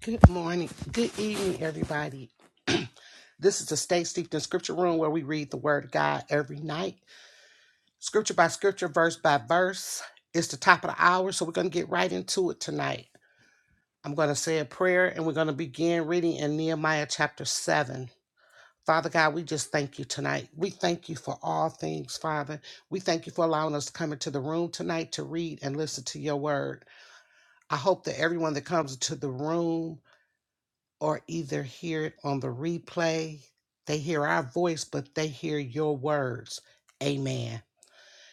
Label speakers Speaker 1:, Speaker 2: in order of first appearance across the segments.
Speaker 1: Good morning. Good evening, everybody. this is the Stay Steeped in Scripture Room where we read the Word of God every night, scripture by scripture, verse by verse. It's the top of the hour, so we're going to get right into it tonight. I'm going to say a prayer and we're going to begin reading in Nehemiah chapter 7. Father God, we just thank you tonight. We thank you for all things, Father. We thank you for allowing us to come into the room tonight to read and listen to your word. I hope that everyone that comes into the room or either hear it on the replay. They hear our voice, but they hear your words. Amen.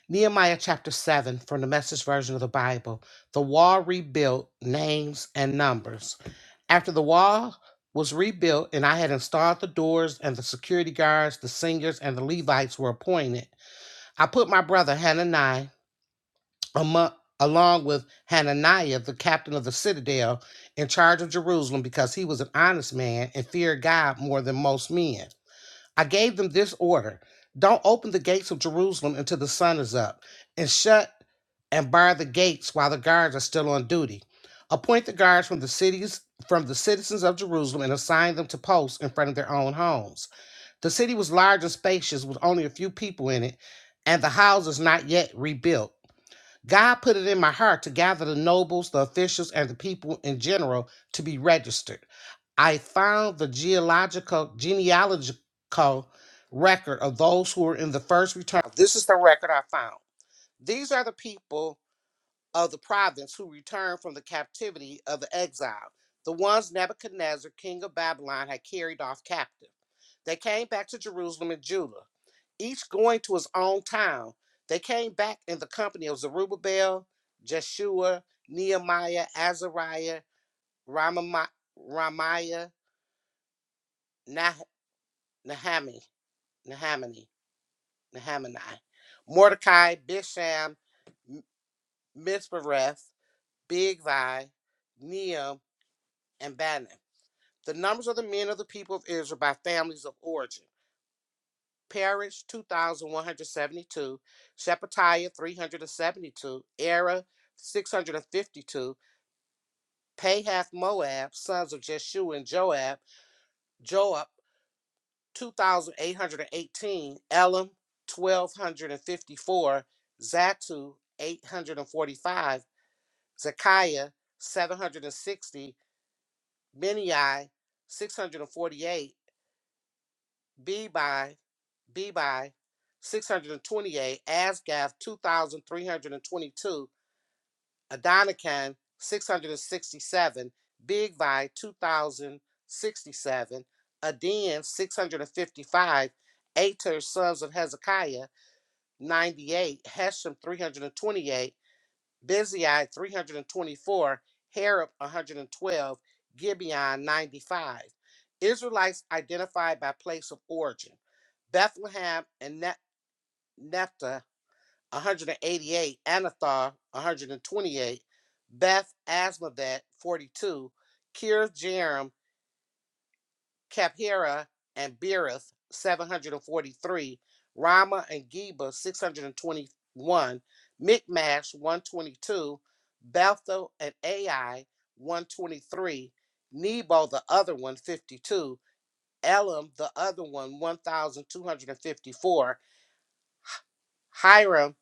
Speaker 1: Nehemiah chapter 7 from the message version of the Bible. The wall rebuilt, names and numbers. After the wall was rebuilt, and I had installed the doors, and the security guards, the singers, and the Levites were appointed, I put my brother Hananiah amo- along with Hananiah, the captain of the citadel, in charge of Jerusalem, because he was an honest man and feared God more than most men. I gave them this order Don't open the gates of Jerusalem until the sun is up, and shut and bar the gates while the guards are still on duty. Appoint the guards from the cities from the citizens of Jerusalem and assign them to posts in front of their own homes. The city was large and spacious with only a few people in it, and the houses not yet rebuilt. God put it in my heart to gather the nobles, the officials, and the people in general to be registered. I found the geological genealogical record of those who were in the first return. This is the record I found. These are the people of the province who returned from the captivity of the exile, the ones Nebuchadnezzar, king of Babylon, had carried off captive. They came back to Jerusalem and Judah, each going to his own town. They came back in the company of Zerubbabel, Jeshua, Nehemiah, Azariah, Ramami- Ramiah, nah- Nahami, Nahamani, Nahamani, Mordecai, Bisham, M- Mispereth, Bigvi, Nehem, and Bannon. The numbers of the men of the people of Israel by families of origin. Parish 2,172, Shephatiah 372, Era 652, Pahath Moab, sons of Jeshua and Joab, Joab 2,818, Elam 1,254, Zatu 845, Zekiah 760, Benai 648, Bebi B by 628, Asgath 2,322, Adonican 667, Big 2,067, Adin 655, Ater sons of Hezekiah 98, Heshem 328, Bezai 324, Harab 112, Gibeon 95. Israelites identified by place of origin. Bethlehem and Nephthah 188, Anathar 128, Beth Asmavet 42, Kirith Jearim, Caphira, and Beerith 743, Rama and Geba 621, Mikmash 122, Bethel and Ai 123, Nebo the other one, 52; Elam the other one 1254, Hiram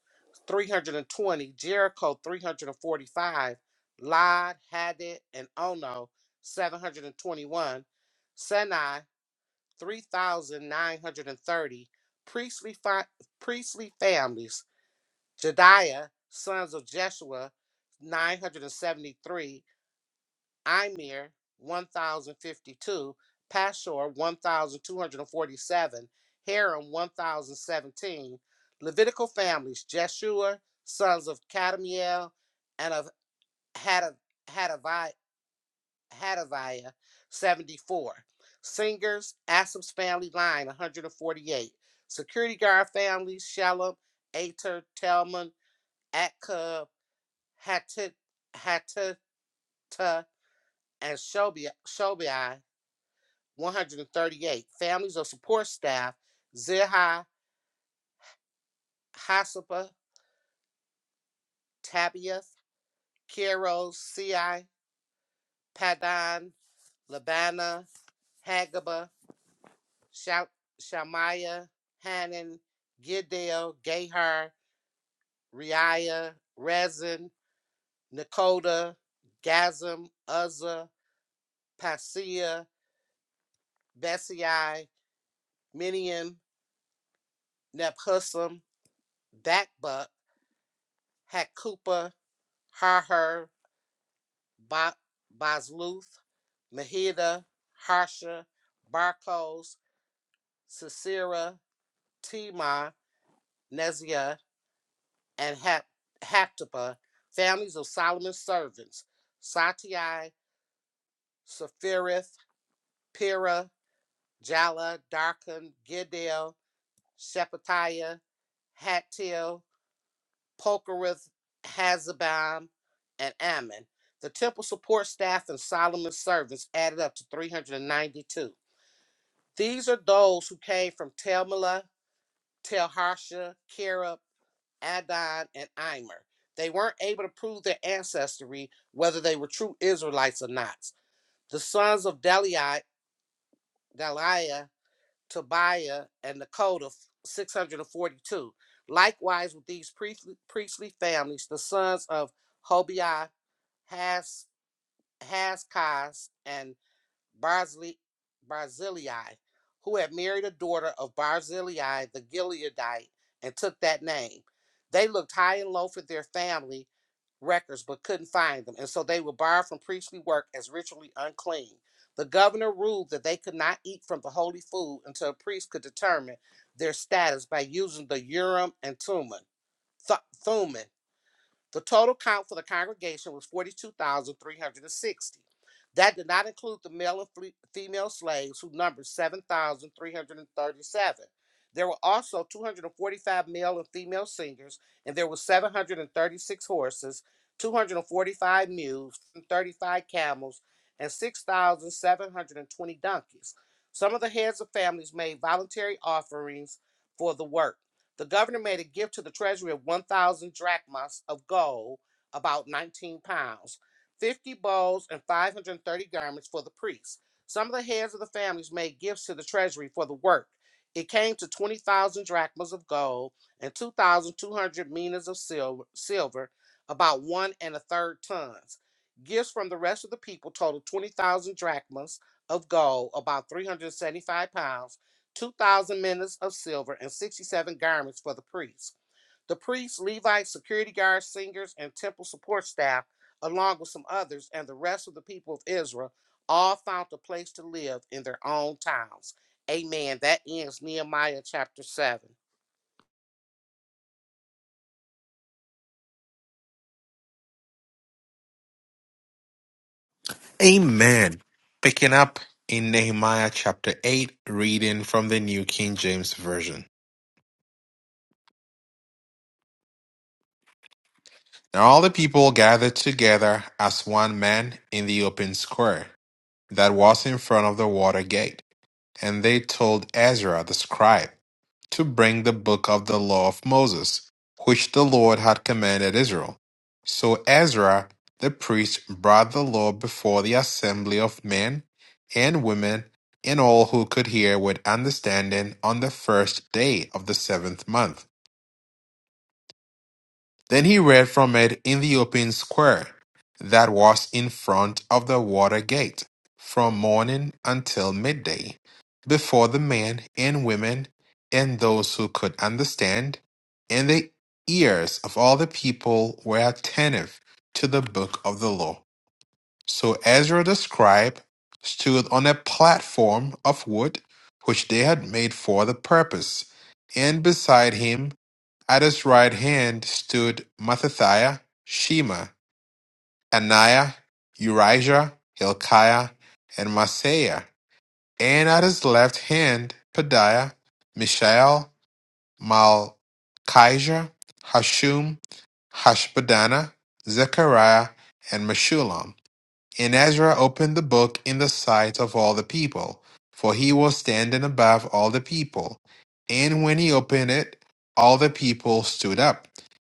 Speaker 1: 320, Jericho 345, Lod, Hadid, and Ono 721, Senai 3,930, priestly, fi- priestly families, Jediah, sons of Jeshua 973, Imir 1052, Pashur 1247, Haram 1017, Levitical families, Jeshua, sons of Kadmiel and of Hadaviah 74, singers, Asaph's family line 148, security guard families, Shalom, Ater, Telman, Atkub, Hatita, Hatita, and Shobi 138 families or support staff Zilha, Hasapa, Tabiath, Keros, CI, Padan, Labana, Hagaba, Sha- Shamaya, Hanan, Giddel, Gahar, Riah, Rezin, Nakoda, Gazam, Uzzah, Pasea, Besei, Miniam, Nephusam, Bakbuk, Hakupa, Harher, Ba- Basluth, Mahida, Harsha, Barkos, Sisera, Tema, Neziah, and Hap- Haptapa, families of Solomon's servants, Satai, Sepharith, Pira, Jala, Darkon, Giddel, Shephatiah, Hattil, Pokereth, Hazabam, and Ammon. The temple support staff and Solomon's servants added up to 392. These are those who came from Telmela, Telharsha, Kerub, Adon, and Imer. They weren't able to prove their ancestry, whether they were true Israelites or not. The sons of Deliah, Deliah Tobiah, and Nakoda, 642. Likewise, with these priestly, priestly families, the sons of Hobiah, Has, Haskaz, and Barzillai, who had married a daughter of Barzillai the Gileadite and took that name. They looked high and low for their family records but couldn't find them, and so they were barred from priestly work as ritually unclean. The governor ruled that they could not eat from the holy food until a priest could determine their status by using the Urim and Thummim. Th- Thummim. The total count for the congregation was 42,360. That did not include the male and female slaves, who numbered 7,337. There were also 245 male and female singers, and there were 736 horses, 245 mules, 35 camels, and 6,720 donkeys. Some of the heads of families made voluntary offerings for the work. The governor made a gift to the treasury of 1,000 drachmas of gold, about 19 pounds, 50 bowls, and 530 garments for the priests. Some of the heads of the families made gifts to the treasury for the work. It came to 20,000 drachmas of gold and 2,200 minas of silver, silver, about one and a third tons. Gifts from the rest of the people totaled 20,000 drachmas of gold, about 375 pounds 2,000 minas of silver, and 67 garments for the priests. The priests, Levites, security guards, singers, and temple support staff, along with some others, and the rest of the people of Israel, all found a place to live in their own towns. Amen. That ends Nehemiah chapter 7.
Speaker 2: Amen. Picking up in Nehemiah chapter 8, reading from the New King James Version. Now all the people gathered together as one man in the open square that was in front of the water gate. And they told Ezra the scribe to bring the book of the law of Moses, which the Lord had commanded Israel. So Ezra the priest brought the law before the assembly of men and women and all who could hear with understanding on the first day of the seventh month. Then he read from it in the open square that was in front of the water gate, from morning until midday, before the men and women and those who could understand, and the ears of all the people were attentive to the book of the law. So Ezra the scribe stood on a platform of wood which they had made for the purpose, and beside him at his right hand stood Mattathiah, Shema, Ananiah, Urijah, Hilkiah, and Maaseiah. And at his left hand, Pedaiah, Mishael, Malchijah, Hashum, Hashbadana, Zechariah, and Meshullam. And Ezra opened the book in the sight of all the people, for he was standing above all the people. And when he opened it, all the people stood up.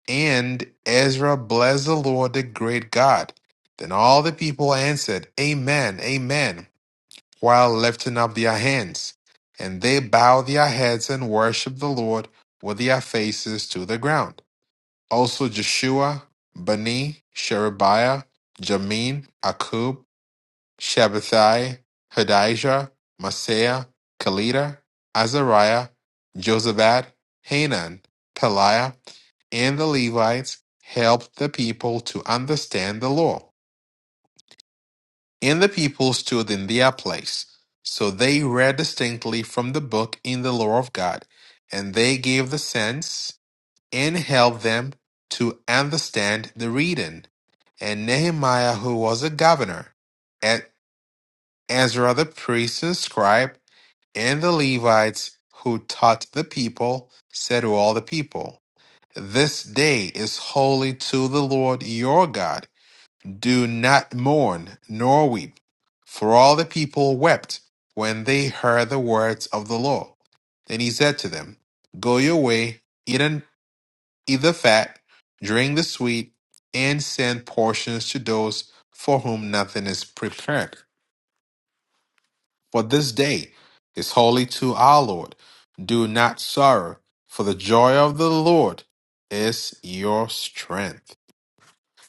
Speaker 2: And Ezra blessed the Lord, the great God. Then all the people answered, Amen, Amen, while lifting up their hands. And they bowed their heads and worshiped the Lord with their faces to the ground. Also Joshua, Bani, Sherebiah, Jamin, Akub, Shabbathai, Hodijah, Maaseiah, Kalida, Azariah, Josabad, Hanan, Peliah, and the Levites helped the people to understand the law. And the people stood in their place. So they read distinctly from the book in the law of God, and they gave the sense and helped them to understand the reading. And Nehemiah, who was a governor, at Ezra the priest and scribe, and the Levites who taught the people, said to all the people, This day is holy to the Lord your God. Do not mourn nor weep. For all the people wept when they heard the words of the law. Then he said to them, Go your way, eat, and, eat the fat, drink the sweet, and send portions to those for whom nothing is prepared For this day is holy to our Lord. Do not sorrow, for the joy of the Lord is your strength.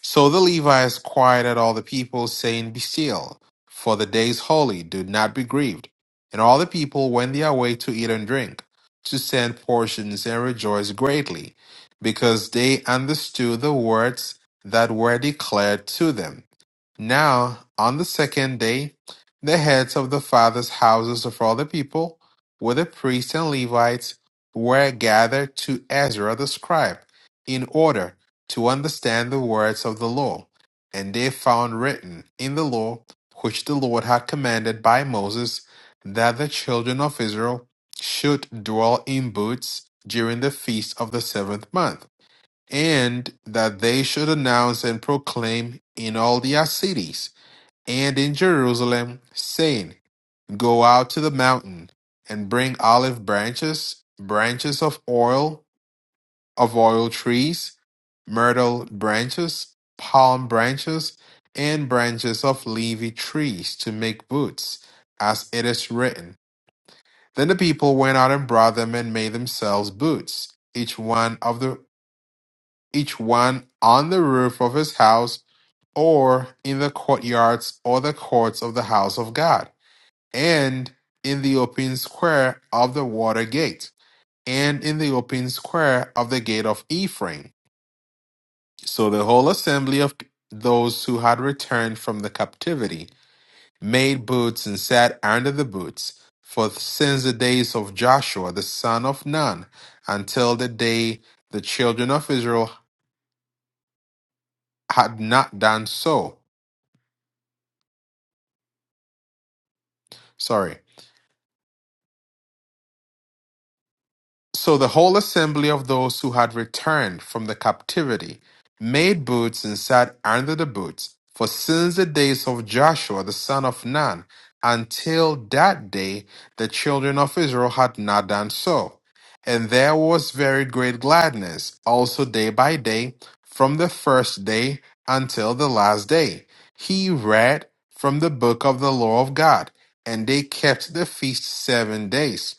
Speaker 2: So the Levites quieted all the people, saying, Be still, for the day is holy. Do not be grieved. And all the people went their way to eat and drink, to send portions and rejoice greatly, because they understood the words that were declared to them. Now, on the second day, the heads of the fathers' houses of all the people, with the priests and Levites, were gathered to Ezra the scribe, in order to understand the words of the law. And they found written in the law, which the Lord had commanded by Moses, that the children of Israel should dwell in booths during the feast of the seventh month and that they should announce and proclaim in all their cities and in Jerusalem, saying, Go out to the mountain and bring olive branches, branches of oil, of oil trees, myrtle branches, palm branches, and branches of leafy trees to make boots, as it is written. Then the people went out and brought them and made themselves boots, each one of the each one on the roof of his house or in the courtyards or the courts of the house of God, and in the open square of the water gate, and in the open square of the gate of Ephraim. So the whole assembly of those who had returned from the captivity made booths and sat under the booths. for since the days of Joshua the son of Nun until the day the children of Israel had not done so sorry. So the whole assembly of those who had returned from the captivity made boots and sat under the boots, for since the days of Joshua the son of Nun until that day the children of Israel had not done so. And there was very great gladness also day by day from the first day until the last day. He read from the book of the law of God, and they kept the feast seven days.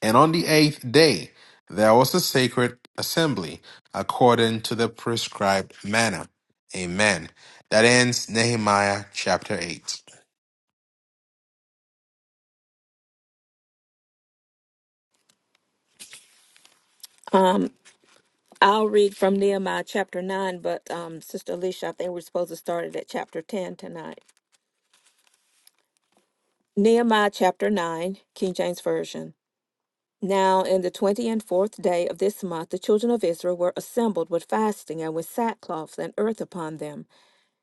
Speaker 2: And on the eighth day there was a sacred assembly according to the prescribed manner. Amen. That ends Nehemiah chapter 8.
Speaker 3: Um, I'll read from Nehemiah chapter 9, but um, Sister Alicia, I think we're supposed to start it at chapter 10 tonight. Nehemiah chapter 9, King James Version. Now, in the twenty and fourth day of this month, the children of Israel were assembled with fasting and with sackcloth and earth upon them.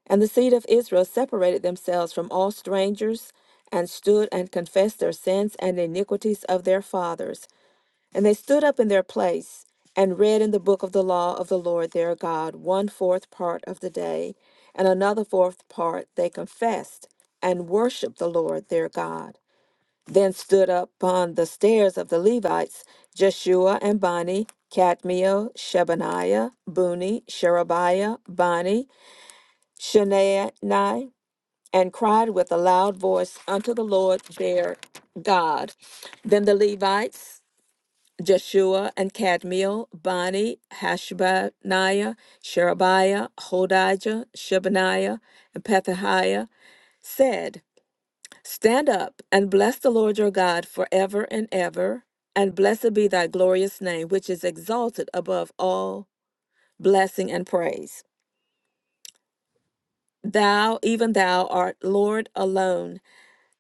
Speaker 3: And the seed of Israel separated themselves from all strangers and stood and confessed their sins and iniquities of their fathers. And they stood up in their place and read in the book of the law of the Lord their God one fourth part of the day, and another fourth part they confessed and worshiped the Lord their God. Then stood up upon the stairs of the Levites Jeshua and Bani, Cadmiel, Shebaniah, Buni, Sherebiah, Bani, Shanaani, and cried with a loud voice unto the Lord their God. Then the Levites Jeshua and Kadmiel, Bani, Hashabniah, Sherebiah, Hodijah, Shebaniah, and Pethahiah said, Stand up and bless the Lord your God forever and ever, and blessed be thy glorious name, which is exalted above all blessing and praise. Thou, even thou, art Lord alone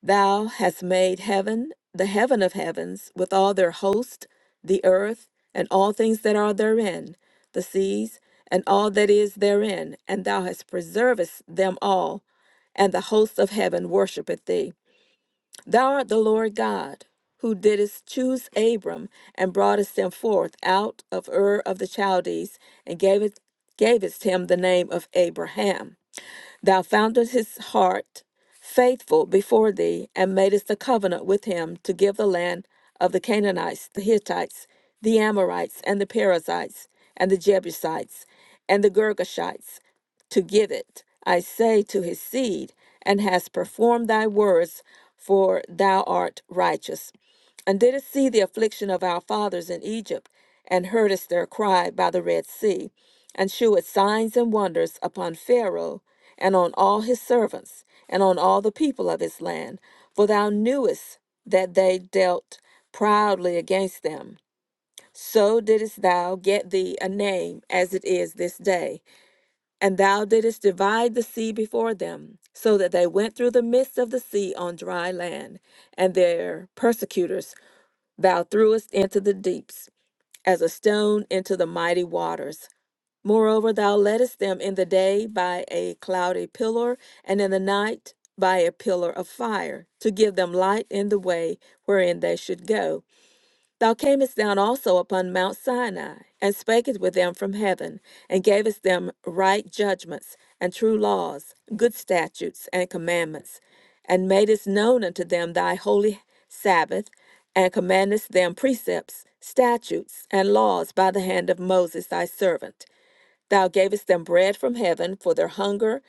Speaker 3: Thou hast made heaven, the heaven of heavens, with all their host, the earth, and all things that are therein, the seas, and all that is therein, and thou hast preservest them all, and the host of heaven worshipeth thee. Thou art the Lord God, who didst choose Abram, and broughtest him forth out of Ur of the Chaldees, and gavest, gavest him the name of Abraham. Thou foundest his heart faithful before thee, and madest a covenant with him to give the land of the Canaanites, the Hittites, the Amorites, and the Perizzites, and the Jebusites, and the Girgashites, to give it, I say, to his seed, and hast performed thy words, for thou art righteous. And didst see the affliction of our fathers in Egypt, and heardest their cry by the Red Sea, and shewest signs and wonders upon Pharaoh and on all his servants, and on all the people of his land, for thou knewest that they dealt proudly against them. So didst thou get thee a name as it is this day, and thou didst divide the sea before them, so that they went through the midst of the sea on dry land, and their persecutors thou threwest into the deeps, as a stone into the mighty waters. Moreover, thou leddest them in the day by a cloudy pillar, and in the night by a pillar of fire, to give them light in the way wherein they should go. Thou camest down also upon Mount Sinai, and spakest with them from heaven, and gavest them right judgments, and true laws, good statutes, and commandments, and madest known unto them thy holy Sabbath, and commandest them precepts, statutes, and laws by the hand of Moses thy servant. Thou gavest them bread from heaven for their hunger,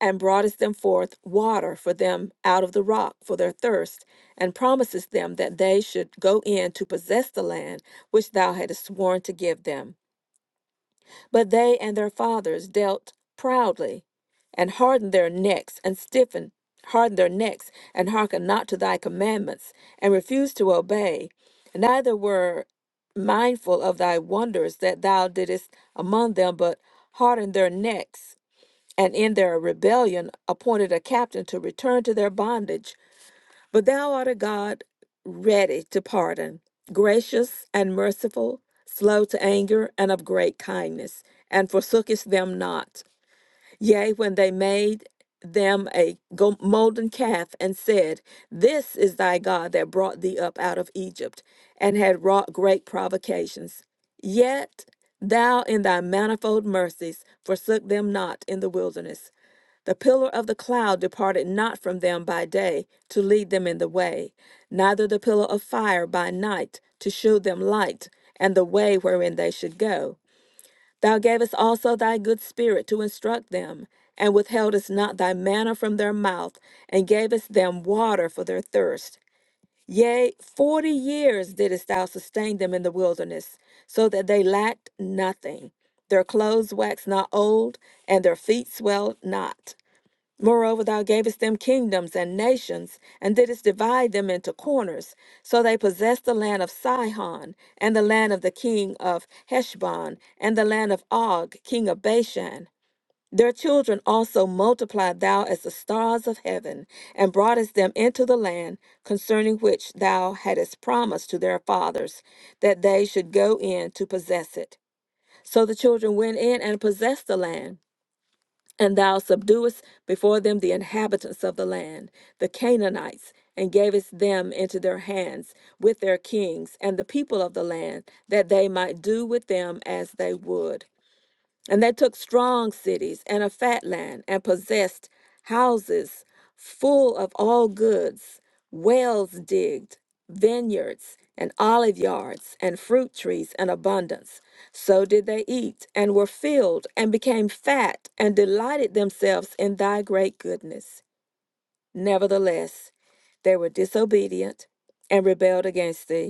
Speaker 3: and broughtest them forth water for them out of the rock for their thirst, and promisest them that they should go in to possess the land which thou hadst sworn to give them. But they and their fathers dealt proudly and hardened their necks and stiffened, hardened their necks and hearkened not to thy commandments and refused to obey. Neither were mindful of thy wonders that thou didst among them, but hardened their necks and in their rebellion appointed a captain to return to their bondage. But thou art a God ready to pardon, gracious and merciful, slow to anger, and of great kindness, and forsookest them not. Yea, when they made them a go- molten calf and said, This is thy God that brought thee up out of Egypt, and had wrought great provocations. Yet thou in thy manifold mercies forsook them not in the wilderness. The pillar of the cloud departed not from them by day to lead them in the way, neither the pillar of fire by night to shew them light and the way wherein they should go. Thou gavest also thy good spirit to instruct them, and withheldest not thy manna from their mouth, and gavest them water for their thirst. Yea, forty years didst thou sustain them in the wilderness, so that they lacked nothing. Their clothes waxed not old, and their feet swelled not. Moreover, thou gavest them kingdoms and nations, and didst divide them into corners. So they possessed the land of Sihon, and the land of the king of Heshbon, and the land of Og, king of Bashan. Their children also multiplied thou as the stars of heaven, and broughtest them into the land concerning which thou hadst promised to their fathers, that they should go in to possess it. So the children went in and possessed the land. And thou subduest before them the inhabitants of the land, the Canaanites, and gavest them into their hands with their kings and the people of the land, that they might do with them as they would. And they took strong cities and a fat land and possessed houses full of all goods, wells digged, vineyards and olive yards and fruit trees in abundance. So did they eat and were filled and became fat and delighted themselves in thy great goodness. Nevertheless, they were disobedient and rebelled against thee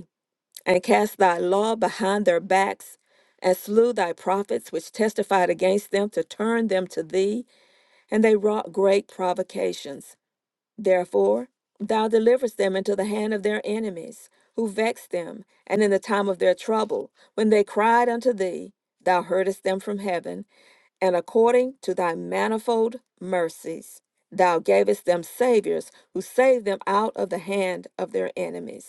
Speaker 3: and cast thy law behind their backs, and slew thy prophets which testified against them to turn them to thee, and they wrought great provocations. Therefore, thou deliverest them into the hand of their enemies, who vexed them, and in the time of their trouble, when they cried unto thee, thou heardest them from heaven, and according to thy manifold mercies. Thou gavest them saviors who saved them out of the hand of their enemies.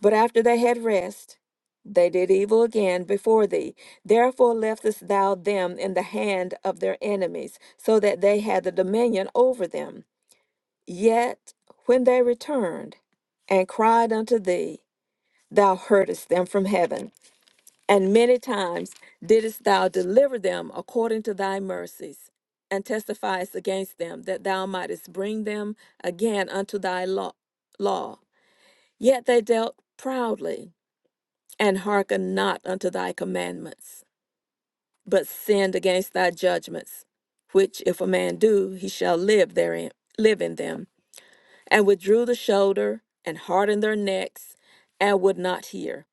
Speaker 3: But after they had rest, they did evil again before thee. Therefore leftest thou them in the hand of their enemies, so that they had the dominion over them. Yet when they returned and cried unto thee, thou heardest them from heaven, and many times didst thou deliver them according to thy mercies, and testifiest against them, that thou mightest bring them again unto thy law. law. Yet they dealt proudly and hearken not unto thy commandments, but sinned against thy judgments, which if a man do, he shall live therein, live in them, and withdrew the shoulder, and hardened their necks, and would not hear.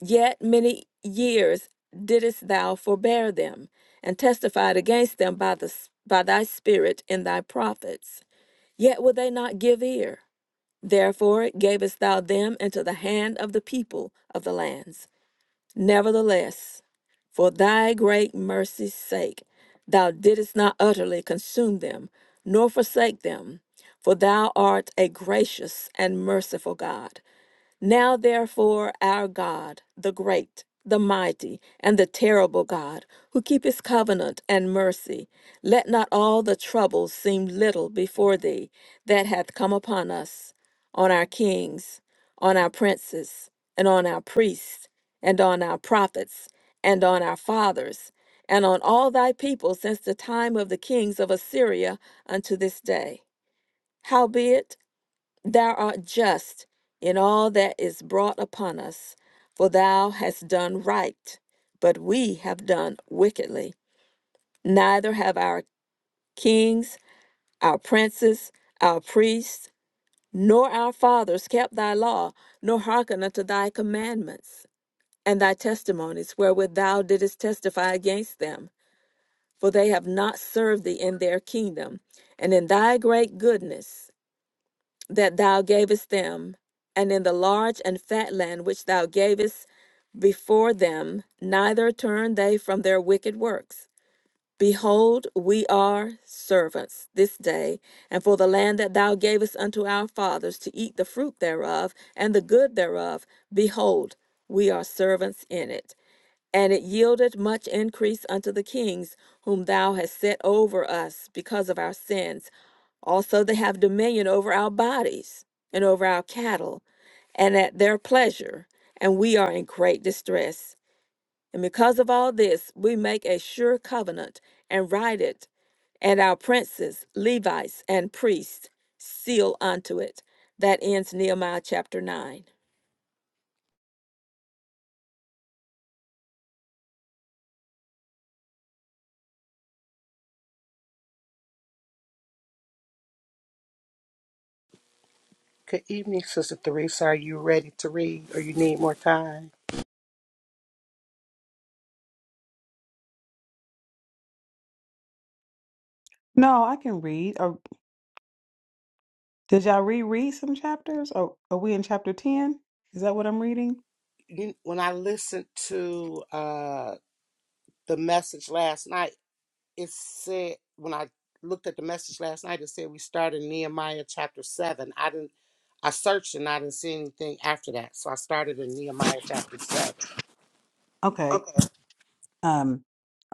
Speaker 3: Yet many years didst thou forbear them, and testified against them by the by thy spirit in thy prophets. Yet would they not give ear. Therefore gavest thou them into the hand of the people of the lands Nevertheless, for thy great mercy's sake, thou didst not utterly consume them, nor forsake them, for thou art a gracious and merciful God. Now, therefore, our God, the great, the mighty, and the terrible God, who keepeth covenant and mercy, let not all the troubles seem little before thee that hath come upon us, on our kings, on our princes, and on our priests, and on our prophets, and on our fathers, and on all thy people since the time of the kings of Assyria unto this day. Howbeit, Thou art just in all that is brought upon us, for thou hast done right, but we have done wickedly. Neither have our kings, our princes, our priests, nor our fathers kept thy law, nor hearkened unto thy commandments and thy testimonies wherewith thou didst testify against them. For they have not served thee in their kingdom, and in thy great goodness. that thou gavest them, and in the large and fat land which thou gavest before them, neither turn they from their wicked works. Behold, we are servants this day, and for the land that thou gavest unto our fathers to eat the fruit thereof and the good thereof, behold, we are servants in it. And it yielded much increase unto the kings whom thou hast set over us because of our sins. Also, they have dominion over our bodies and over our cattle and at their pleasure. And we are in great distress. And because of all this, we make a sure covenant and write it, and our princes, Levites, and priests seal unto it. That ends Nehemiah chapter 9.
Speaker 1: Good evening, Sister Theresa. Are you ready to read, or you need more time?
Speaker 4: No, I can read. Or did y'all reread some chapters? Or are we in chapter 10? Is that what I'm reading?
Speaker 1: when I listened to uh, the message last night, it said when I looked at the message last night, it said we started Nehemiah chapter seven. I didn't I searched and I didn't see anything after that. So I started in Nehemiah chapter seven.
Speaker 4: Okay.
Speaker 1: Okay.
Speaker 4: Um,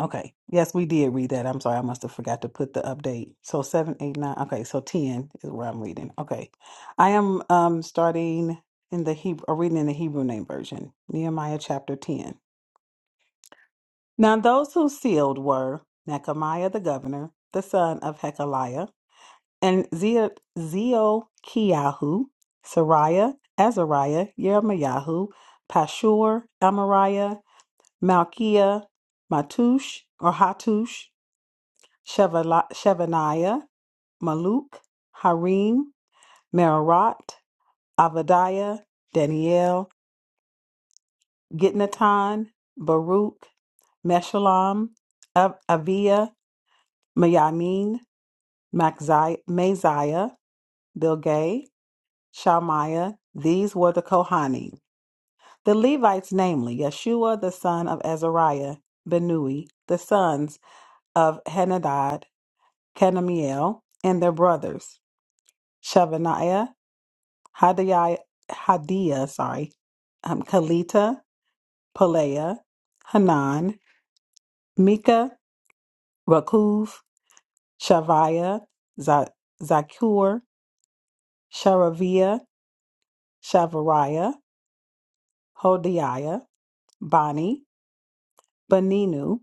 Speaker 4: okay. Yes, we did read that. I'm sorry, I must have forgot to put the update. So seven, eight, nine. Okay, so ten is where I'm reading. Okay. I am um starting in the Hebrew or reading in the Hebrew name version, Nehemiah chapter ten. Now those who sealed were Nechemiah the governor, the son of Hekeliah. and Zia Zealkiyahu, Sariah, Azariah, Yermayahu, Pashur, Amariah, Malkiah, Matush or Hatush, Shevali- Shevaniah, Maluk, Harim, Merarot, Avadiah, Daniel, Gitnatan, Baruch, Meshullam, Av- Aviah, Mayamin, Maxi- Maziah, Bilgay, Shalmiah. These were the Kohanim. The Levites, namely, Yeshua the son of Azariah, Benui, the sons of Henadad, Kadmiel, and their brothers, Shavaniah, Hadiah, Hadiah sorry, um, Kalita, Peleah, Hanan, Mika, Rakuv, Shaviah, Za- Zakur, Sharaviah, Shavariah, Hodiah, Bani, Beninu,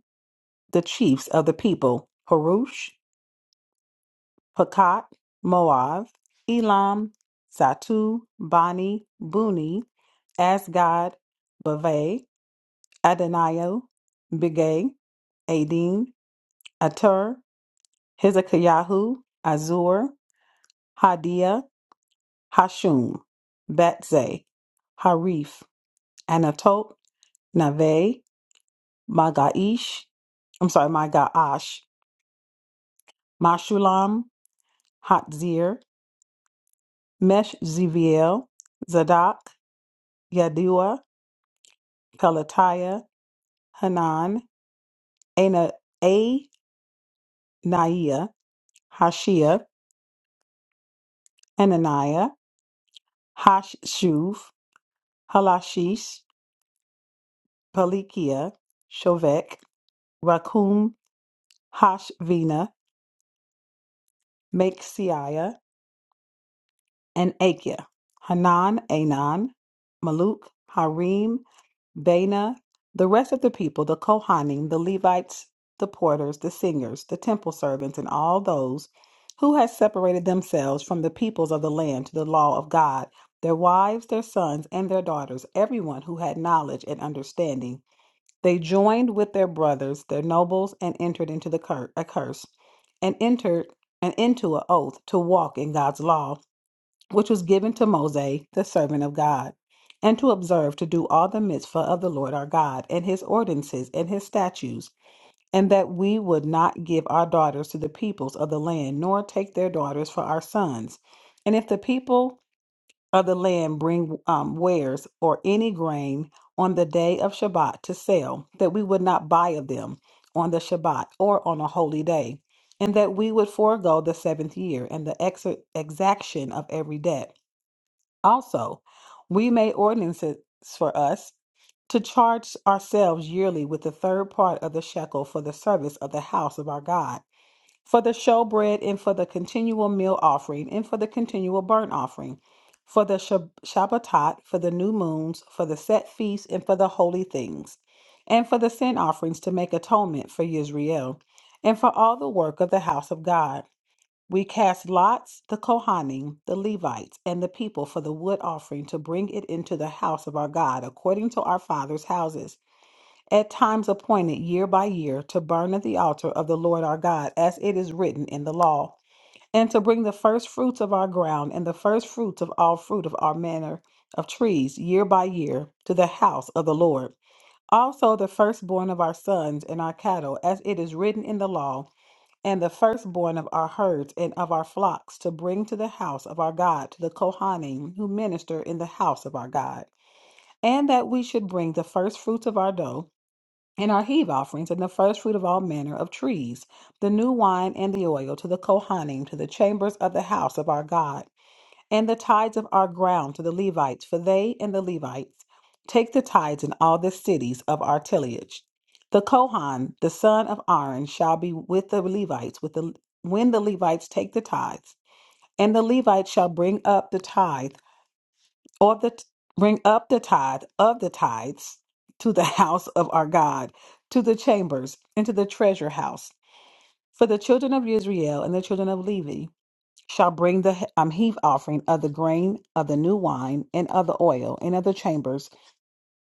Speaker 4: the chiefs of the people Harush, Hakat, Moav, Elam, Satu, Bani, Buni, Asgad, Bavay, Adonio, Bigay, Adin, Atur, Hezekiahu, Azur, Hadia, Hashum, Betzay, Harif, Anatot, Nave, Magaish, I'm sorry, Magaash, Mashulam, Hatzir, Meshezabeel, Zadok, Yadua, Pelatiah, Hanan, Ana- Ananiah, Hashia, Ananiah, Hashuv, Halashish, Pelikiah, Shovek, Rakum, Hashvina, Maxiah, and Akia, Hanan, Anan, Maluk, Harim, Bana, the rest of the people, the Kohanim, the Levites, the porters, the singers, the temple servants, and all those who had separated themselves from the peoples of the land to the law of God, their wives, their sons, and their daughters, everyone who had knowledge and understanding. They joined with their brothers, their nobles, and entered into the cur- a curse, and entered and into an oath to walk in God's law which was given to Moses, the servant of God, and to observe to do all the mitzvah of the Lord our God, and his ordinances and his statutes, and that we would not give our daughters to the peoples of the land, nor take their daughters for our sons. And if the people of the land bring um, wares or any grain on the day of Shabbat to sell, that we would not buy of them on the Shabbat or on a holy day, and that we would forego the seventh year and the ex- exaction of every debt also, we made ordinances for us to charge ourselves yearly with the third part of the shekel for the service of the house of our God, for the showbread, and for the continual meal offering, and for the continual burnt offering, for the Shab- Shabbatot, for the new moons, for the set feasts, and for the holy things, and for the sin offerings to make atonement for Israel, and for all the work of the house of God. We cast lots, the Kohanim, the Levites, and the people for the wood offering to bring it into the house of our God according to our fathers' houses, at times appointed year by year to burn at the altar of the Lord our God, as it is written in the law, and to bring the first fruits of our ground and the first fruits of all fruit of our manner of trees year by year to the house of the Lord. Also the firstborn of our sons and our cattle, as it is written in the law and the firstborn of our herds and of our flocks to bring to the house of our God to the Kohanim who minister in the house of our God, and that we should bring the first fruits of our dough and our heave offerings and the first fruit of all manner of trees, the new wine and the oil to the Kohanim to the chambers of the house of our God and the tithes of our ground to the Levites, for they and the Levites take the tithes in all the cities of our tillage. The Kohan, the son of Aaron, shall be with the Levites with the, when the Levites take the tithes, and the Levites shall bring up the tithe or the bring up the tithe of the tithes to the house of our God, to the chambers, and to the treasure house. For the children of Israel and the children of Levi shall bring the he- um, heave offering of the grain of the new wine and of the oil and of the chambers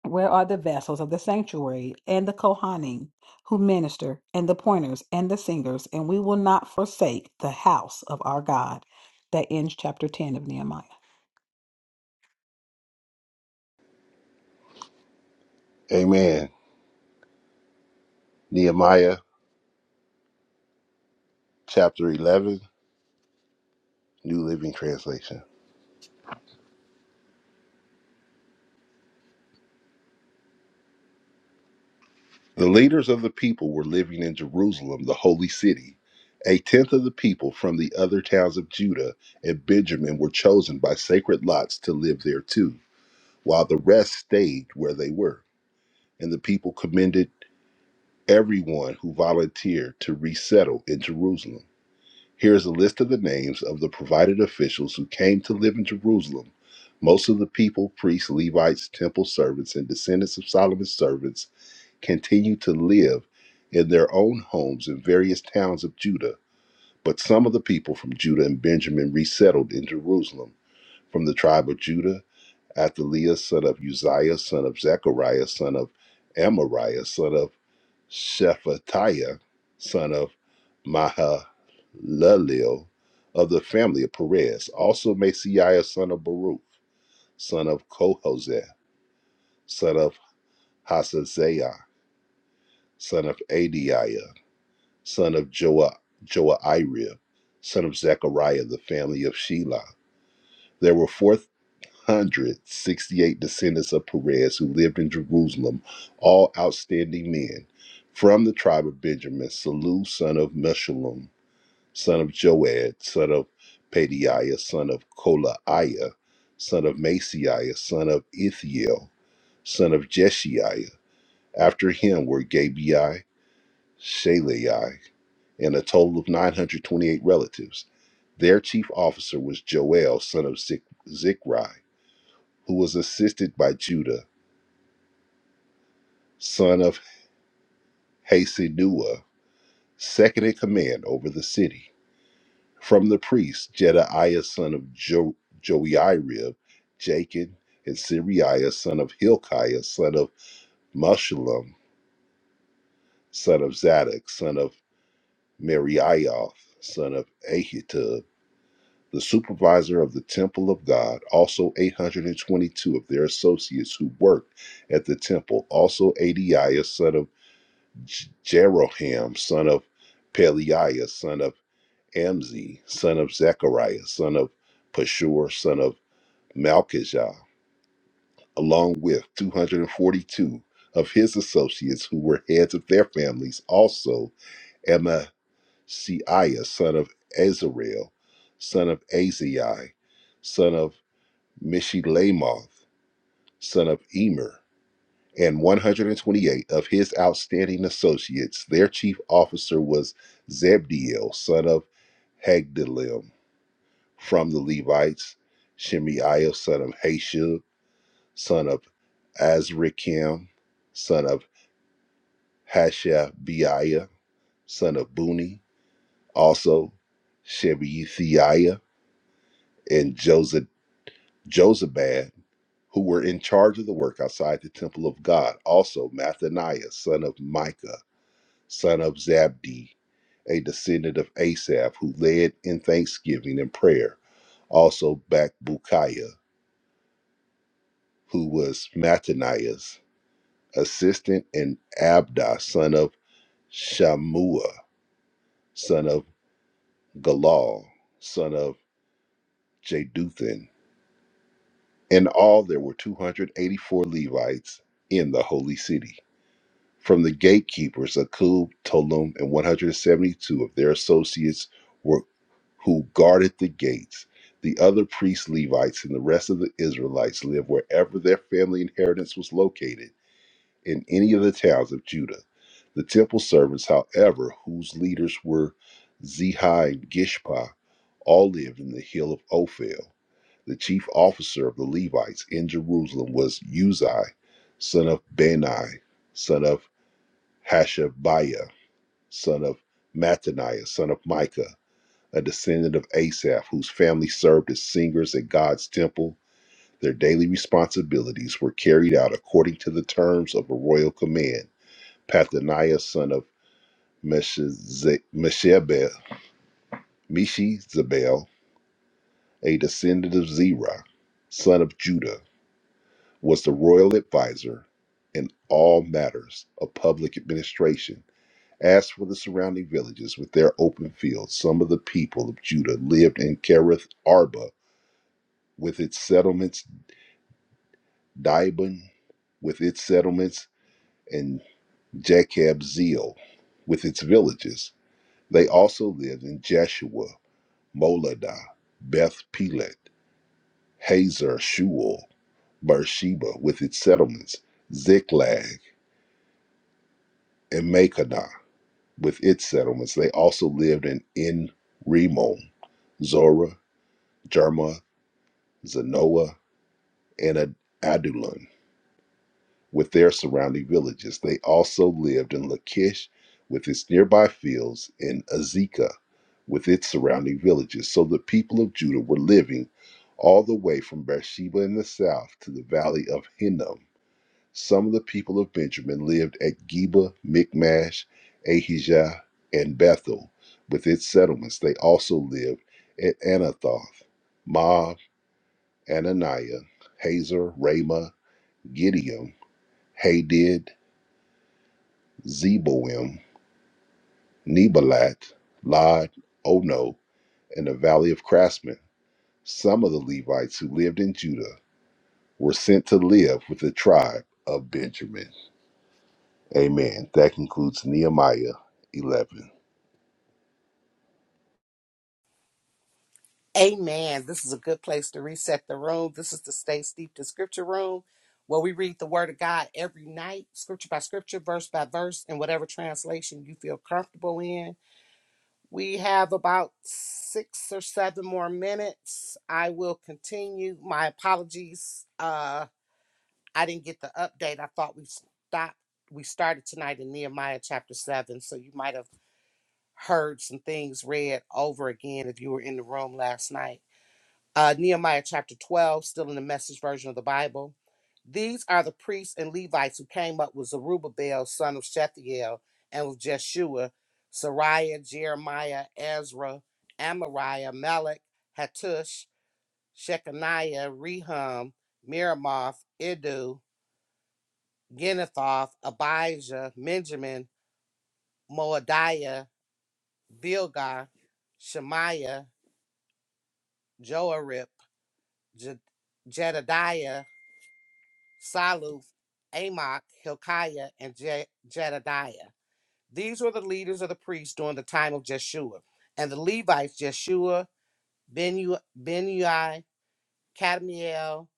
Speaker 4: where are the vessels of the sanctuary and the kohanim who minister and the pointers and the singers and we will not forsake the house of our god that ends chapter 10 of nehemiah
Speaker 5: Amen. Nehemiah chapter 11, New Living Translation. The leaders of the people were living in Jerusalem, the holy city. A tenth of the people from the other towns of Judah and Benjamin were chosen by sacred lots to live there too, while the rest stayed where they were. And the people commended everyone who volunteered to resettle in Jerusalem. Here is a list of the names of the provided officials who came to live in Jerusalem. Most of the people, priests, Levites, temple servants, and descendants of Solomon's servants continued to live in their own homes in various towns of Judah. But some of the people from Judah and Benjamin resettled in Jerusalem. From the tribe of Judah, Athaliah, son of Uzziah, son of Zechariah, son of Amariah, son of Shephatiah, son of Mahalalel, of the family of Perez. Also Masiah, son of Baruch, son of Kohoseth, son of Hasaziah, son of Adiah, son of Joa, Joairib, son of Zechariah, the family of Shelah. There were 468 descendants of Perez who lived in Jerusalem, all outstanding men. From the tribe of Benjamin, Salu, son of Meshullam, son of Joed, son of Padiah, son of Kolaiah, son of Masiah, son of Ithiel, son of Jeshiah. After him were Gabai, Shalai, and a total of 928 relatives. Their chief officer was Joel, son of Zik- Zikri, who was assisted by Judah, son of Hasenua, second in command over the city. From the priests, Jedaiah son of jo- Joiarib, Jachin, and Siriah son of Hilkiah, son of Meshullam, son of Zadok, son of Merioth, son of Ahitub, the supervisor of the temple of God, also 822 of their associates who worked at the temple, also Adiah son of J- Jeroham, son of Peliah, son of Amzi, son of Zechariah, son of Pashur, son of Malchijah, along with 242 of his associates who were heads of their families, also Amasiah, son of Azarel, son of Azai, son of Mishilemoth, son of Emer, and 128 of his outstanding associates. Their chief officer was Zebdiel, son of Hagdalim, from the Levites, Shemaiah, son of Hashub, son of Azrikam, son of Hashabiah, son of Buni, also Shebeithiah and Joseph, Josabad, who were in charge of the work outside the temple of God, also Mathaniah, son of Micah, son of Zabdi, a descendant of Asaph, who led in thanksgiving and prayer, also Bakbukiah, who was Mattaniah's assistant, and Abda, son of Shamua, son of Galal, son of Jeduthun. In all, there were 284 Levites in the holy city. From the gatekeepers, Akub, Tolum, and 172 of their associates were who guarded the gates. The other priests, Levites, and the rest of the Israelites lived wherever their family inheritance was located in any of the towns of Judah. The temple servants, however, whose leaders were Zehi and Gishpa, all lived in the hill of Ophel. The chief officer of the Levites in Jerusalem was Uzzi, son of Bani, son of Hashabiah, son of Mattaniah, son of Micah, a descendant of Asaph, whose family served as singers at God's temple. Their daily responsibilities were carried out according to the terms of a royal command Pathaniah, son of Meshize- Meshebel, a descendant of Zerah, son of Judah, was the royal advisor in all matters of public administration. As for the surrounding villages with their open fields, some of the people of Judah lived in Kerith Arba with its settlements, Dibon with its settlements, and Jacob with its villages. They also lived in Jeshua Moladah, Beth Pelet, Hazar Shual, Beersheba with its settlements, Ziklag, and Makedah with its settlements. They also lived in En Rimon, Zorah, Jerma, Zanoah, and Ad- Adullam. with their surrounding villages. They also lived in Lachish with its nearby fields and Azekah with its surrounding villages. So the people of Judah were living all the way from Beersheba in the south to the valley of Hinnom. Some of the people of Benjamin lived at Geba, Michmash, Ahijah, and Bethel with its settlements. They also lived at Anathoth, Moab, Ananiah, Hazor, Ramah, Gideon, Hadid, Zeboim, Nebalat, Lod, Ono, and the valley of craftsmen. Some of the Levites who lived in Judah were sent to live with the tribe of Benjamin. Amen. That concludes Nehemiah 11.
Speaker 1: Amen. This is a good place to reset the room. This is the Stay Steeped in Scripture Room where we read the Word of God every night, scripture by scripture, verse by verse, in whatever translation you feel comfortable in. We have about six or seven more minutes. I will continue. My apologies. Uh. I didn't get the update. I thought we stopped. We started tonight in Nehemiah chapter seven, so you might have heard some things read over again if you were in the room last night. Uh, Nehemiah chapter twelve, still in the Message version of the Bible. These are the priests and Levites who came up with Zerubbabel, son of Shethiel, and with Jeshua, Sariah, Jeremiah, Ezra, Amariah, Melech, Hattush, Shechaniah, Rehum, Miramoth, Idu. Genethoth, Abijah, Benjamin, Moadiah, Bilgah, Shemaiah, Joarib, Je- Jedediah, Saluth, Amok, Hilkiah, and Je- Jedediah. These were the leaders of the priests during the time of Jeshua. And the Levites, Jeshua, Benu- Benui, Kadmiel.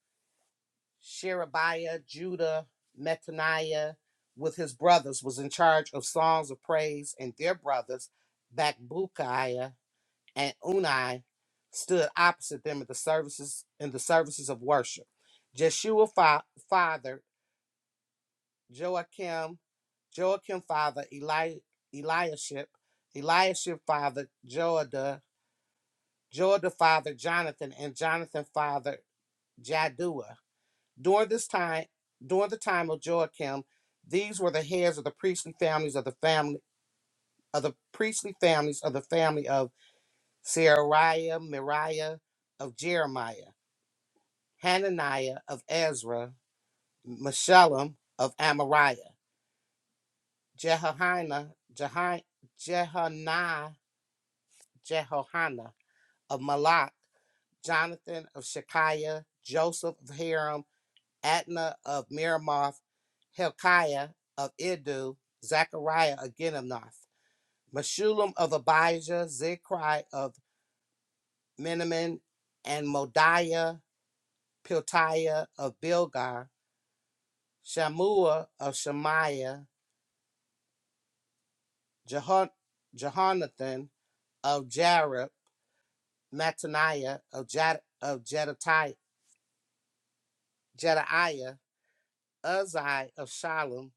Speaker 1: Sherebiah, Judah, Metaniah, with his brothers, was in charge of songs of praise, and their brothers, Bakbukiah and Unai, stood opposite them at the services in the services of worship. Jeshua fa- father Joachim, Joachim father Eli- Eliashib, Eliashib father Joada, Joada father Jonathan, and Jonathan father Jaddua. During this time, during the time of Joachim, these were the heads of the priestly families of the family of the priestly families of the family of Sariah, Miriah of Jeremiah, Hananiah of Ezra, Meshullam of Amariah, Jehoiana, Jehi, Jehonai, Jehohana of Malak, Jonathan of Shekiah, Joseph of Haram, Adna of Miramoth, Helkiah of Idu, Zechariah of Ginnamoth, Meshulam of Abijah, Zichri of Menamin, and Modiah, Piltiah of Bilgah, Shamua of Shemaiah, Jehon- Jehonathan of Jareb, Mattaniah of, Jed- of Jedatiah, Jedaiah, Uzziah of Shalom,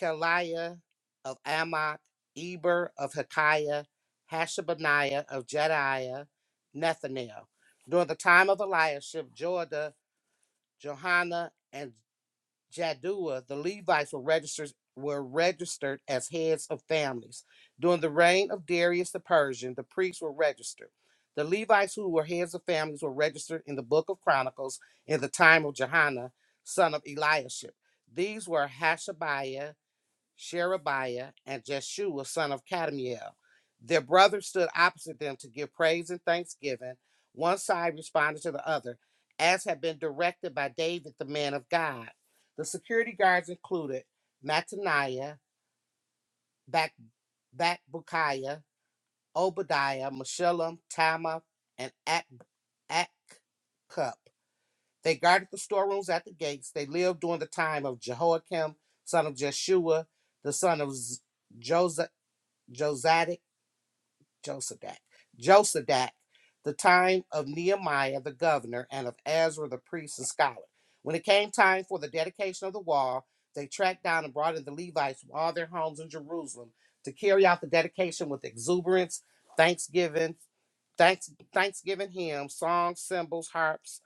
Speaker 1: Keliah of Amok, Eber of Hekiah, Hashabaniah of Jediah, Nethanel. During the time of Eliashib, Joada, Johanna, and Jaddua, the Levites were registered, were registered as heads of families. During the reign of Darius the Persian, the priests were registered. The Levites who were heads of families were registered in the book of Chronicles in the time of Johanna, son of Eliashib. These were Hashabiah, Sherebiah, and Jeshua, son of Kadmiel. Their brothers stood opposite them to give praise and thanksgiving. One side responded to the other, as had been directed by David, the man of God. The security guards included Mattaniah, Bak- Bakbukiah, Obadiah, Meshullam, Tama, and Ak- Akkup. They guarded the storerooms at the gates. They lived during the time of Jehoiakim, son of Jeshua, the son of Josiah, Josadak, Josadak, Josadak, the time of Nehemiah the governor and of Ezra the priest and scholar. When it came time for the dedication of the wall, they tracked down and brought in the Levites from all their homes in Jerusalem to carry out the dedication with exuberance, thanksgiving, thanks, thanksgiving hymns, songs, cymbals, harps,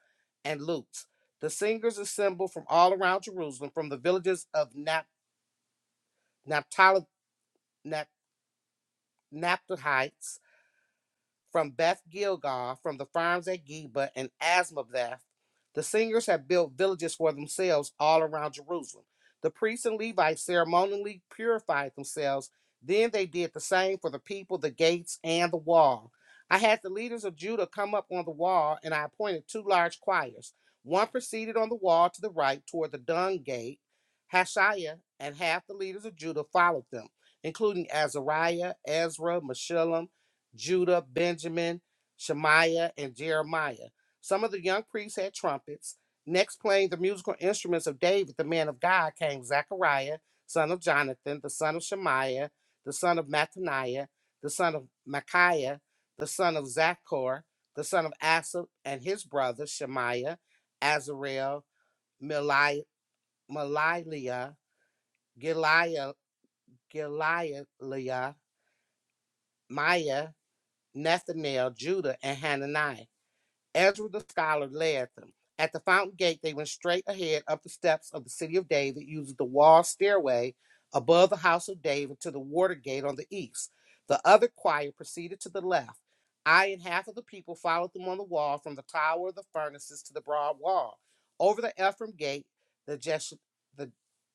Speaker 1: and lutes. The singers assembled from all around Jerusalem, from the villages of Nap- Naphtali- Nap- Naphtalites from Beth Gilgal, from the farms at Geba and Asmaveth. The singers have built villages for themselves all around Jerusalem. The priests and Levites ceremonially purified themselves. Then they did the same for the people, the gates, and the wall. I had the leaders of Judah come up on the wall, and I appointed two large choirs. One proceeded on the wall to the right toward the dung gate. Hashiah and half the leaders of Judah followed them, including Azariah, Ezra, Meshullam, Judah, Benjamin, Shemaiah, and Jeremiah. Some of the young priests had trumpets. Next, playing the musical instruments of David, the man of God, came Zechariah, son of Jonathan, the son of Shemaiah, the son of Mattaniah, the son of Micaiah, the son of Zachor, the son of Asaph, and his brothers Shemaiah, Azarel, Mali- Maliliah, Giliah, Giliah, Maya, Nathanael, Judah, and Hananiah. Ezra the scholar led them. At the fountain gate, they went straight ahead up the steps of the city of David, using the wall stairway above the house of David to the water gate on the east. The other choir proceeded to the left. I and half of the people followed them on the wall from the tower of the furnaces to the broad wall. Over the Ephraim gate, the Jesh- the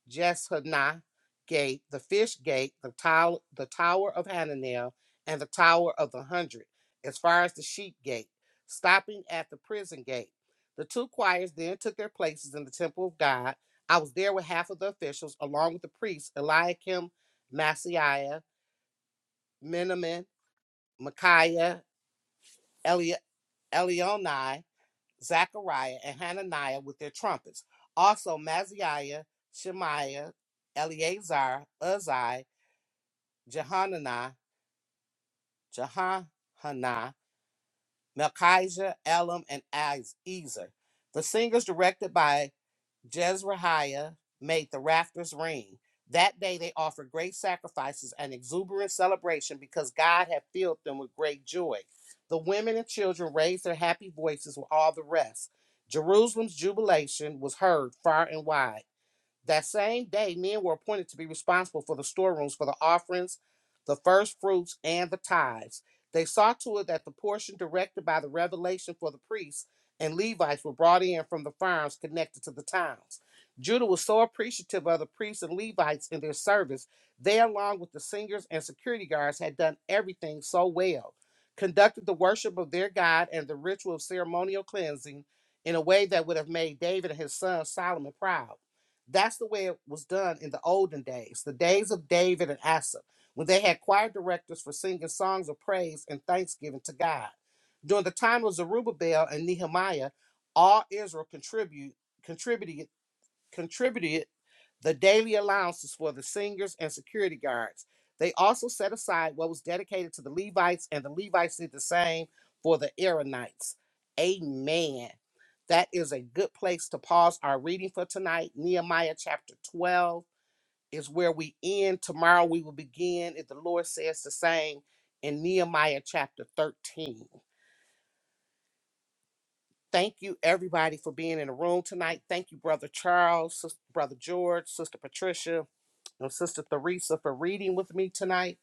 Speaker 1: Jeshanah gate, the fish gate, the, tow- the tower of Hananel, and the tower of the hundred, as far as the sheep gate stopping at the prison gate. The two choirs then took their places in the temple of God. I was there with half of the officials, along with the priests Eliakim, Masiah, Menamin, Micaiah, Eli- Elionai, Zachariah, and Hananiah with their trumpets. Also, Maziah, Shemaiah, Eleazar, Uzzi, Jehanani, Jehana, Melchijah, Elam, and Iz- Ezer. The singers directed by Jezreiah made the rafters ring. That day they offered great sacrifices and exuberant celebration because God had filled them with great joy. The women and children raised their happy voices with all the rest. Jerusalem's jubilation was heard far and wide. That same day, men were appointed to be responsible for the storerooms for the offerings, the first fruits, and the tithes. They saw to it that the portion directed by the revelation for the priests and Levites were brought in from the farms connected to the towns. Judah was so appreciative of the priests and Levites in their service, they, along with the singers and security guards, had done everything so well, conducted the worship of their God and the ritual of ceremonial cleansing in a way that would have made David and his son Solomon proud. That's the way it was done in the olden days, the days of David and Asa, when they had choir directors for singing songs of praise and thanksgiving to God. During the time of Zerubbabel and Nehemiah, all Israel contribute, contributed contributed the daily allowances for the singers and security guards. They also set aside what was dedicated to the Levites, and the Levites did the same for the Aaronites. Amen. That is a good place to pause our reading for tonight. Nehemiah chapter 12 is where we end. Tomorrow we will begin, if the Lord says the same, in Nehemiah chapter 13. Thank you, everybody, for being in the room tonight. Thank you, Brother Charles, Sis- Brother George, Sister Patricia, and Sister Theresa for reading with me tonight.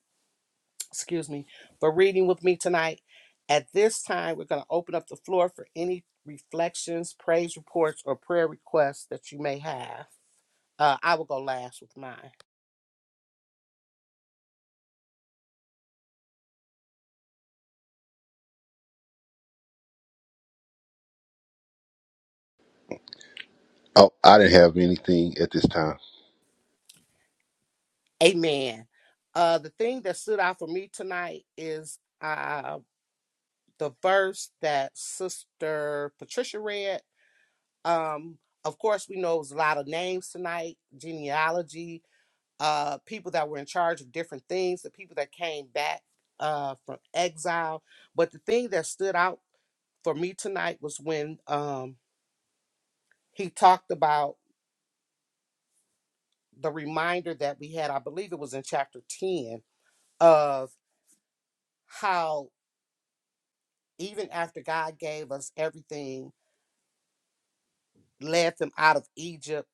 Speaker 1: Excuse me, for reading with me tonight. At this time, we're going to open up the floor for any reflections, praise reports, or prayer requests that you may have. Uh, I will go last with mine.
Speaker 5: Oh, I didn't have anything at this time.
Speaker 1: Amen. Uh, the thing that stood out for me tonight is uh, the verse that Sister Patricia read. Um, of course, we know it was a lot of names tonight, genealogy, uh, people that were in charge of different things, the people that came back uh, from exile. But the thing that stood out for me tonight was when um, he talked about the reminder that we had, I believe it was in chapter 10, of how even after God gave us everything, led them out of Egypt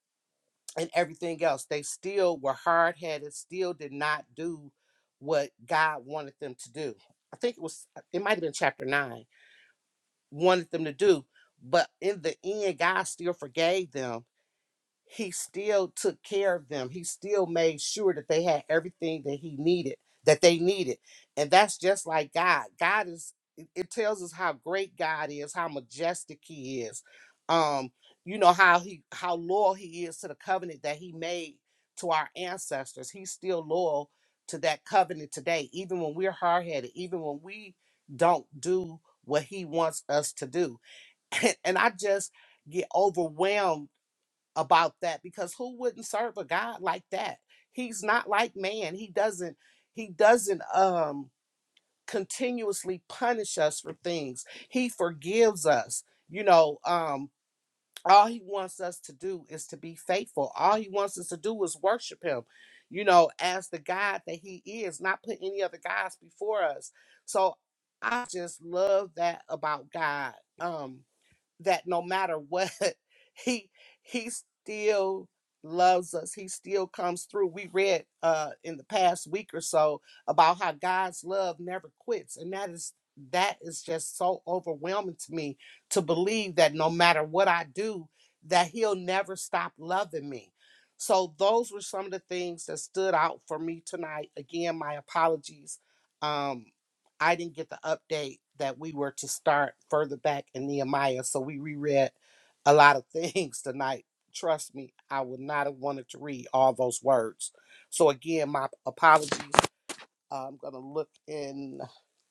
Speaker 1: and everything else, they still were hard headed, still did not do what God wanted them to do. I think it was, it might have been chapter 9 wanted them to do. But in the end, God still forgave them he still took care of them. He still made sure that they had everything that he needed, that they needed. And that's just like God. God is it it tells us how great God is, how majestic he is. Um, you know how he how loyal he is to the covenant that he made to our ancestors. He's still loyal to that covenant today, even when we're hard-headed, even when we don't do what he wants us to do. and I just get overwhelmed about that because who wouldn't serve a God like that? He's not like man. He doesn't he doesn't um continuously punish us for things. He forgives us. You know, um all he wants us to do is to be faithful. All he wants us to do is worship him. You know, as the God that he is, not put any other gods before us. So I just love that about God. Um that no matter what, he he still loves us. He still comes through. We read uh in the past week or so about how God's love never quits. And that is that is just so overwhelming to me to believe that no matter what I do, that he'll never stop loving me. So those were some of the things that stood out for me tonight. Again, my apologies. Um I didn't get the update that we were to start further back in Nehemiah, so we reread a lot of things tonight. Trust me, I would not have wanted to read all those words. So again, my apologies. I'm gonna look in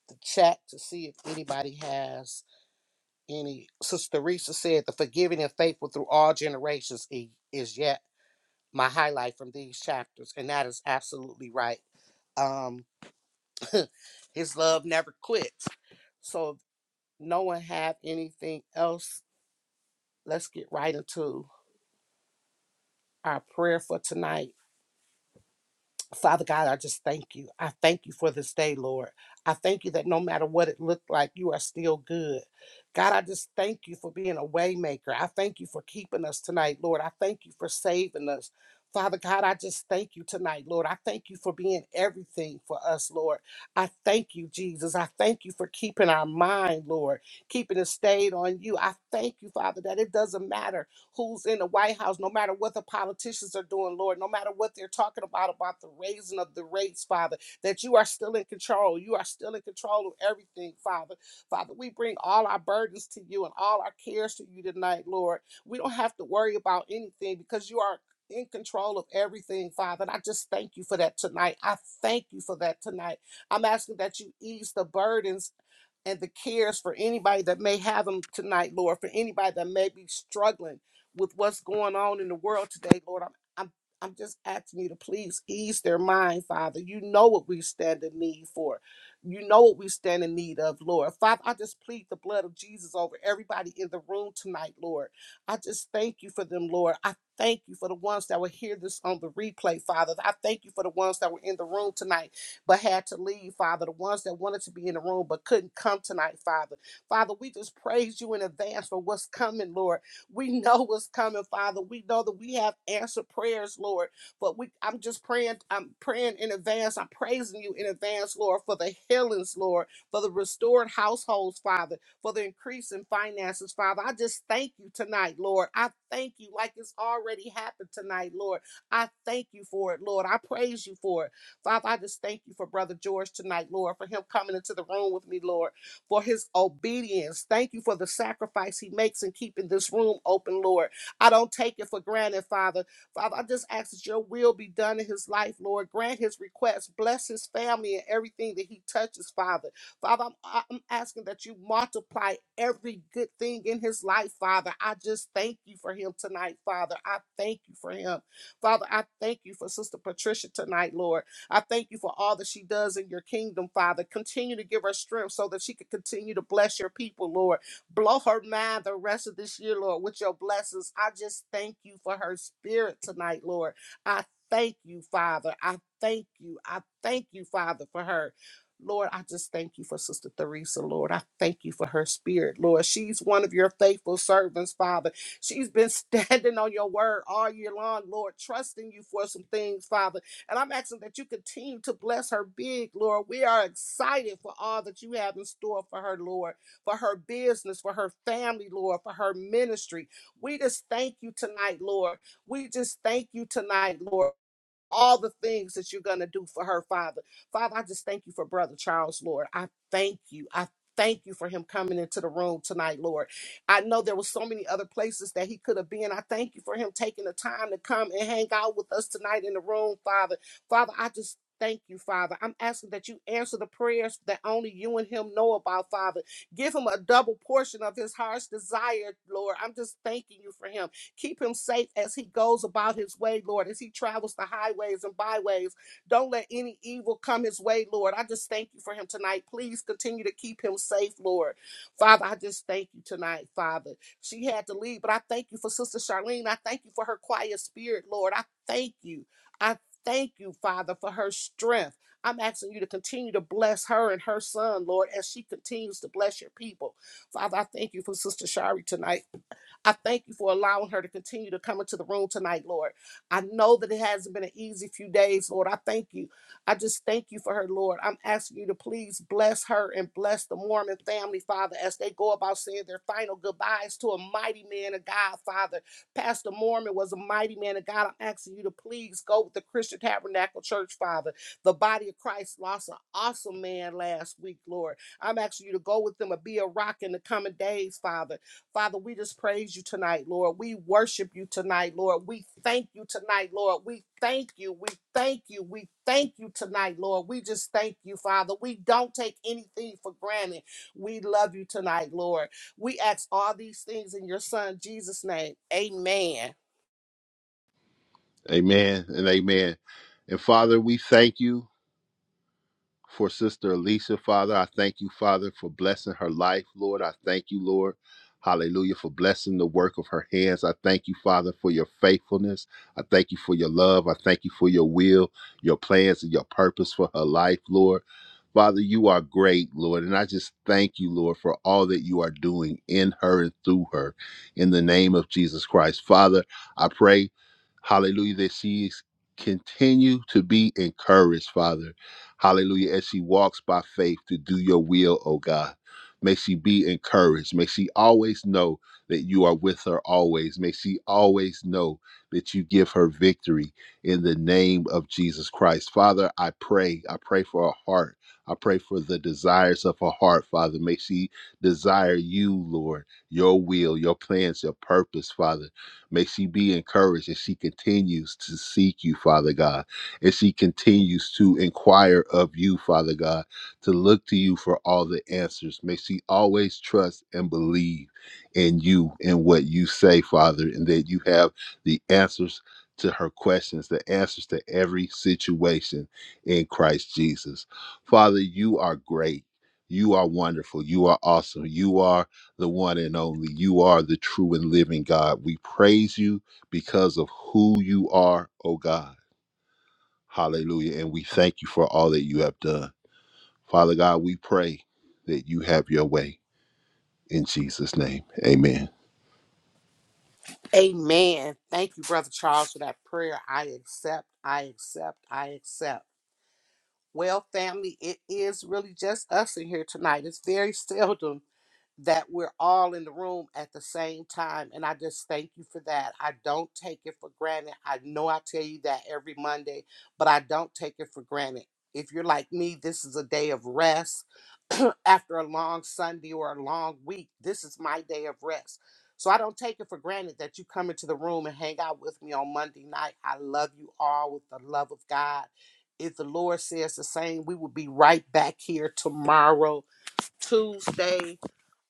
Speaker 1: the chat to see if anybody has any. Sister Teresa said, "The forgiving and faithful through all generations i- is yet my highlight from these chapters," and that is absolutely right. Um, his love never quits. So no one have anything else, let's get right into our prayer for tonight. Father God, I just thank you. I thank you for this day, Lord. I thank you that no matter what it looked like, you are still good. God, I just thank you for being a waymaker. I thank you for keeping us tonight, Lord. I thank you for saving us. Father God, I just thank you tonight, Lord. I thank you for being everything for us, Lord. I thank you, Jesus. I thank you for keeping our mind, Lord, keeping it stayed on you. I thank you, Father, that it doesn't matter who's in the White House, no matter what the politicians are doing, Lord, no matter what they're talking about, about the raising of the rates, Father, that you are still in control. You are still in control of everything, Father. Father, we bring all our burdens to you and all our cares to you tonight, Lord. We don't have to worry about anything because you are in control of everything, Father. And I just thank you for that tonight. I thank you for that tonight. I'm asking that you ease the burdens and the cares for anybody that may have them tonight, Lord, for anybody that may be struggling with what's going on in the world today, Lord. I'm I'm I'm just asking you to please ease their mind, Father. You know what we stand in need for. You know what we stand in need of, Lord. Father, I just plead the blood of Jesus over everybody in the room tonight, Lord. I just thank you for them, Lord. I thank you for the ones that will hear this on the replay, Father. I thank you for the ones that were in the room tonight but had to leave, Father. The ones that wanted to be in the room but couldn't come tonight, Father. Father, we just praise you in advance for what's coming, Lord. We know what's coming, Father. We know that we have answered prayers, Lord. But we I'm just praying, I'm praying in advance. I'm praising you in advance, Lord, for the healings, Lord, for the restored households, Father, for the increase in finances, Father. I just thank you tonight, Lord. I thank you like it's already happened tonight, Lord. I thank you for it, Lord. I praise you for it. Father, I just thank you for Brother George tonight, Lord, for him coming into the room with me, Lord, for his obedience. Thank you for the sacrifice he makes in keeping this room open, Lord. I don't take it for granted, Father. Father, I just ask that your will be done in his life, Lord. Grant his request, bless his family and everything that he touches, Father. Father, I'm, I- I'm asking that you multiply every good thing in his life, Father. I just thank you for him tonight, Father. I thank you for him. Father, I thank you for Sister Patricia tonight, Lord. I thank you for all that she does in your kingdom, Father. Continue to give her strength so that she can continue to bless your people, Lord. Blow her mind the rest of this year, Lord, with your blessings. I just thank you for her spirit tonight, Lord. I thank you, Father. I thank you. I thank you, Father, for her. Lord, I just thank you for Sister Theresa, Lord. I thank you for her spirit, Lord. She's one of your faithful servants, Father. She's been standing on your word all year long, Lord, trusting you for some things, Father and I'm asking that you continue to bless her big, Lord. We are excited for all that you have in store for her, Lord, for her business, for her family, Lord, for her ministry. We just thank you tonight, Lord. We just thank you tonight, Lord all the things that you're going to do for her, Father. Father, I just thank you for Brother Charles, Lord. I thank you. I thank you for him coming into the room tonight, Lord. I know there were so many other places that he could have been. I thank you for him taking the time to come and hang out with us tonight in the room, Father. Father, I just Thank you, Father. I'm asking that you answer the prayers that only you and him know about, Father. Give him a double portion of his heart's desire, Lord. I'm just thanking you for him. Keep him safe as he goes about his way, Lord, as he travels the highways and byways. Don't let any evil come his way, Lord. I just thank you for him tonight. Please continue to keep him safe, Lord. Father, I just thank you tonight, Father. She had to leave, but I thank you for Sister Charlene. I thank you for her quiet spirit, Lord. I thank you. I thank you, Father, for her strength. I'm asking you to continue to bless her and her son, Lord, as she continues to bless your people. Father, I thank you for Sister Shari tonight. I thank you for allowing her to continue to come into the room tonight, Lord. I know that it hasn't been an easy few days, Lord. I thank you. I just thank you for her, Lord. I'm asking you to please bless her and bless the Mormon family, Father, as they go about saying their final goodbyes to a mighty man of God, Father. Pastor Mormon was a mighty man of God. I'm asking you to please go with the Christian Tabernacle Church, Father. The body of Christ lost an awesome man last week, Lord. I'm asking you to go with them and be a rock in the coming days, Father. Father, we just praise you tonight, Lord. We worship you tonight, Lord. We thank you tonight, Lord. We thank you. We thank you. We thank you tonight, Lord. We just thank you, Father. We don't take anything for granted. We love you tonight, Lord. We ask all these things in your son, Jesus' name. Amen.
Speaker 5: Amen and amen. And Father, we thank you. for Sister Alicia, Father. I thank you, Father, for blessing her life, Lord. I thank you, Lord. Hallelujah, for blessing the work of her hands. I thank you, Father, for your faithfulness. I thank you for your love. I thank you for your will, your plans, and your purpose for her life, Lord. Father, you are great, Lord. And I just thank you, Lord, for all that you are doing in her and through her in the name of Jesus Christ. Father, I pray, hallelujah, that she is continue to be encouraged, Father Hallelujah. As she walks by faith to do your will, oh God. May she be encouraged. May she always know that you are with her always. May she always know that you give her victory in the name of Jesus Christ. Father, I pray. I pray for her heart. I pray for the desires of her heart, Father. May she desire you, Lord, your will, your plans, your purpose, Father. May she be encouraged as she continues to seek you, Father God. As she continues to inquire of you, Father God, to look to you for all the answers. May she always trust and believe in you and what you say, Father, and that you have the answers to her questions, the answers to every situation in Christ Jesus. Father, you are great. You are wonderful. You are awesome. You are the one and only. You are the true and living God. We praise you because of who you are, oh God. Hallelujah. And we thank you for all that you have done. Father God, we pray that you have your way in Jesus' name. Amen.
Speaker 1: Amen. Thank you, Brother Charles, for that prayer. I accept. I accept. I accept. Well, family, it is really just us in here tonight. It's very seldom that we're all in the room at the same time. And I just thank you for that. I don't take it for granted. I know I tell you that every Monday, but I don't take it for granted. If you're like me, this is a day of rest after a long Sunday or a long week. This is my day of rest. So I don't take it for granted that you come into the room and hang out with me on Monday night. I love you all with the love of God. If the Lord says the same, we will be right back here tomorrow, Tuesday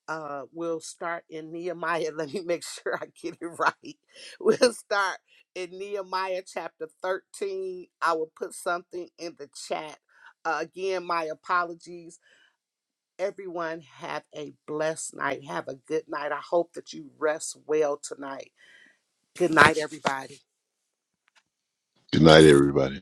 Speaker 1: uh, we'll start in Nehemiah. Let me make sure I get it right. We'll start in Nehemiah chapter 13. I will put something in the chat. Uh, again, my apologies. Everyone, have a blessed night. Have a good night. I hope that you rest well tonight. Good night, everybody.
Speaker 5: Good night, everybody.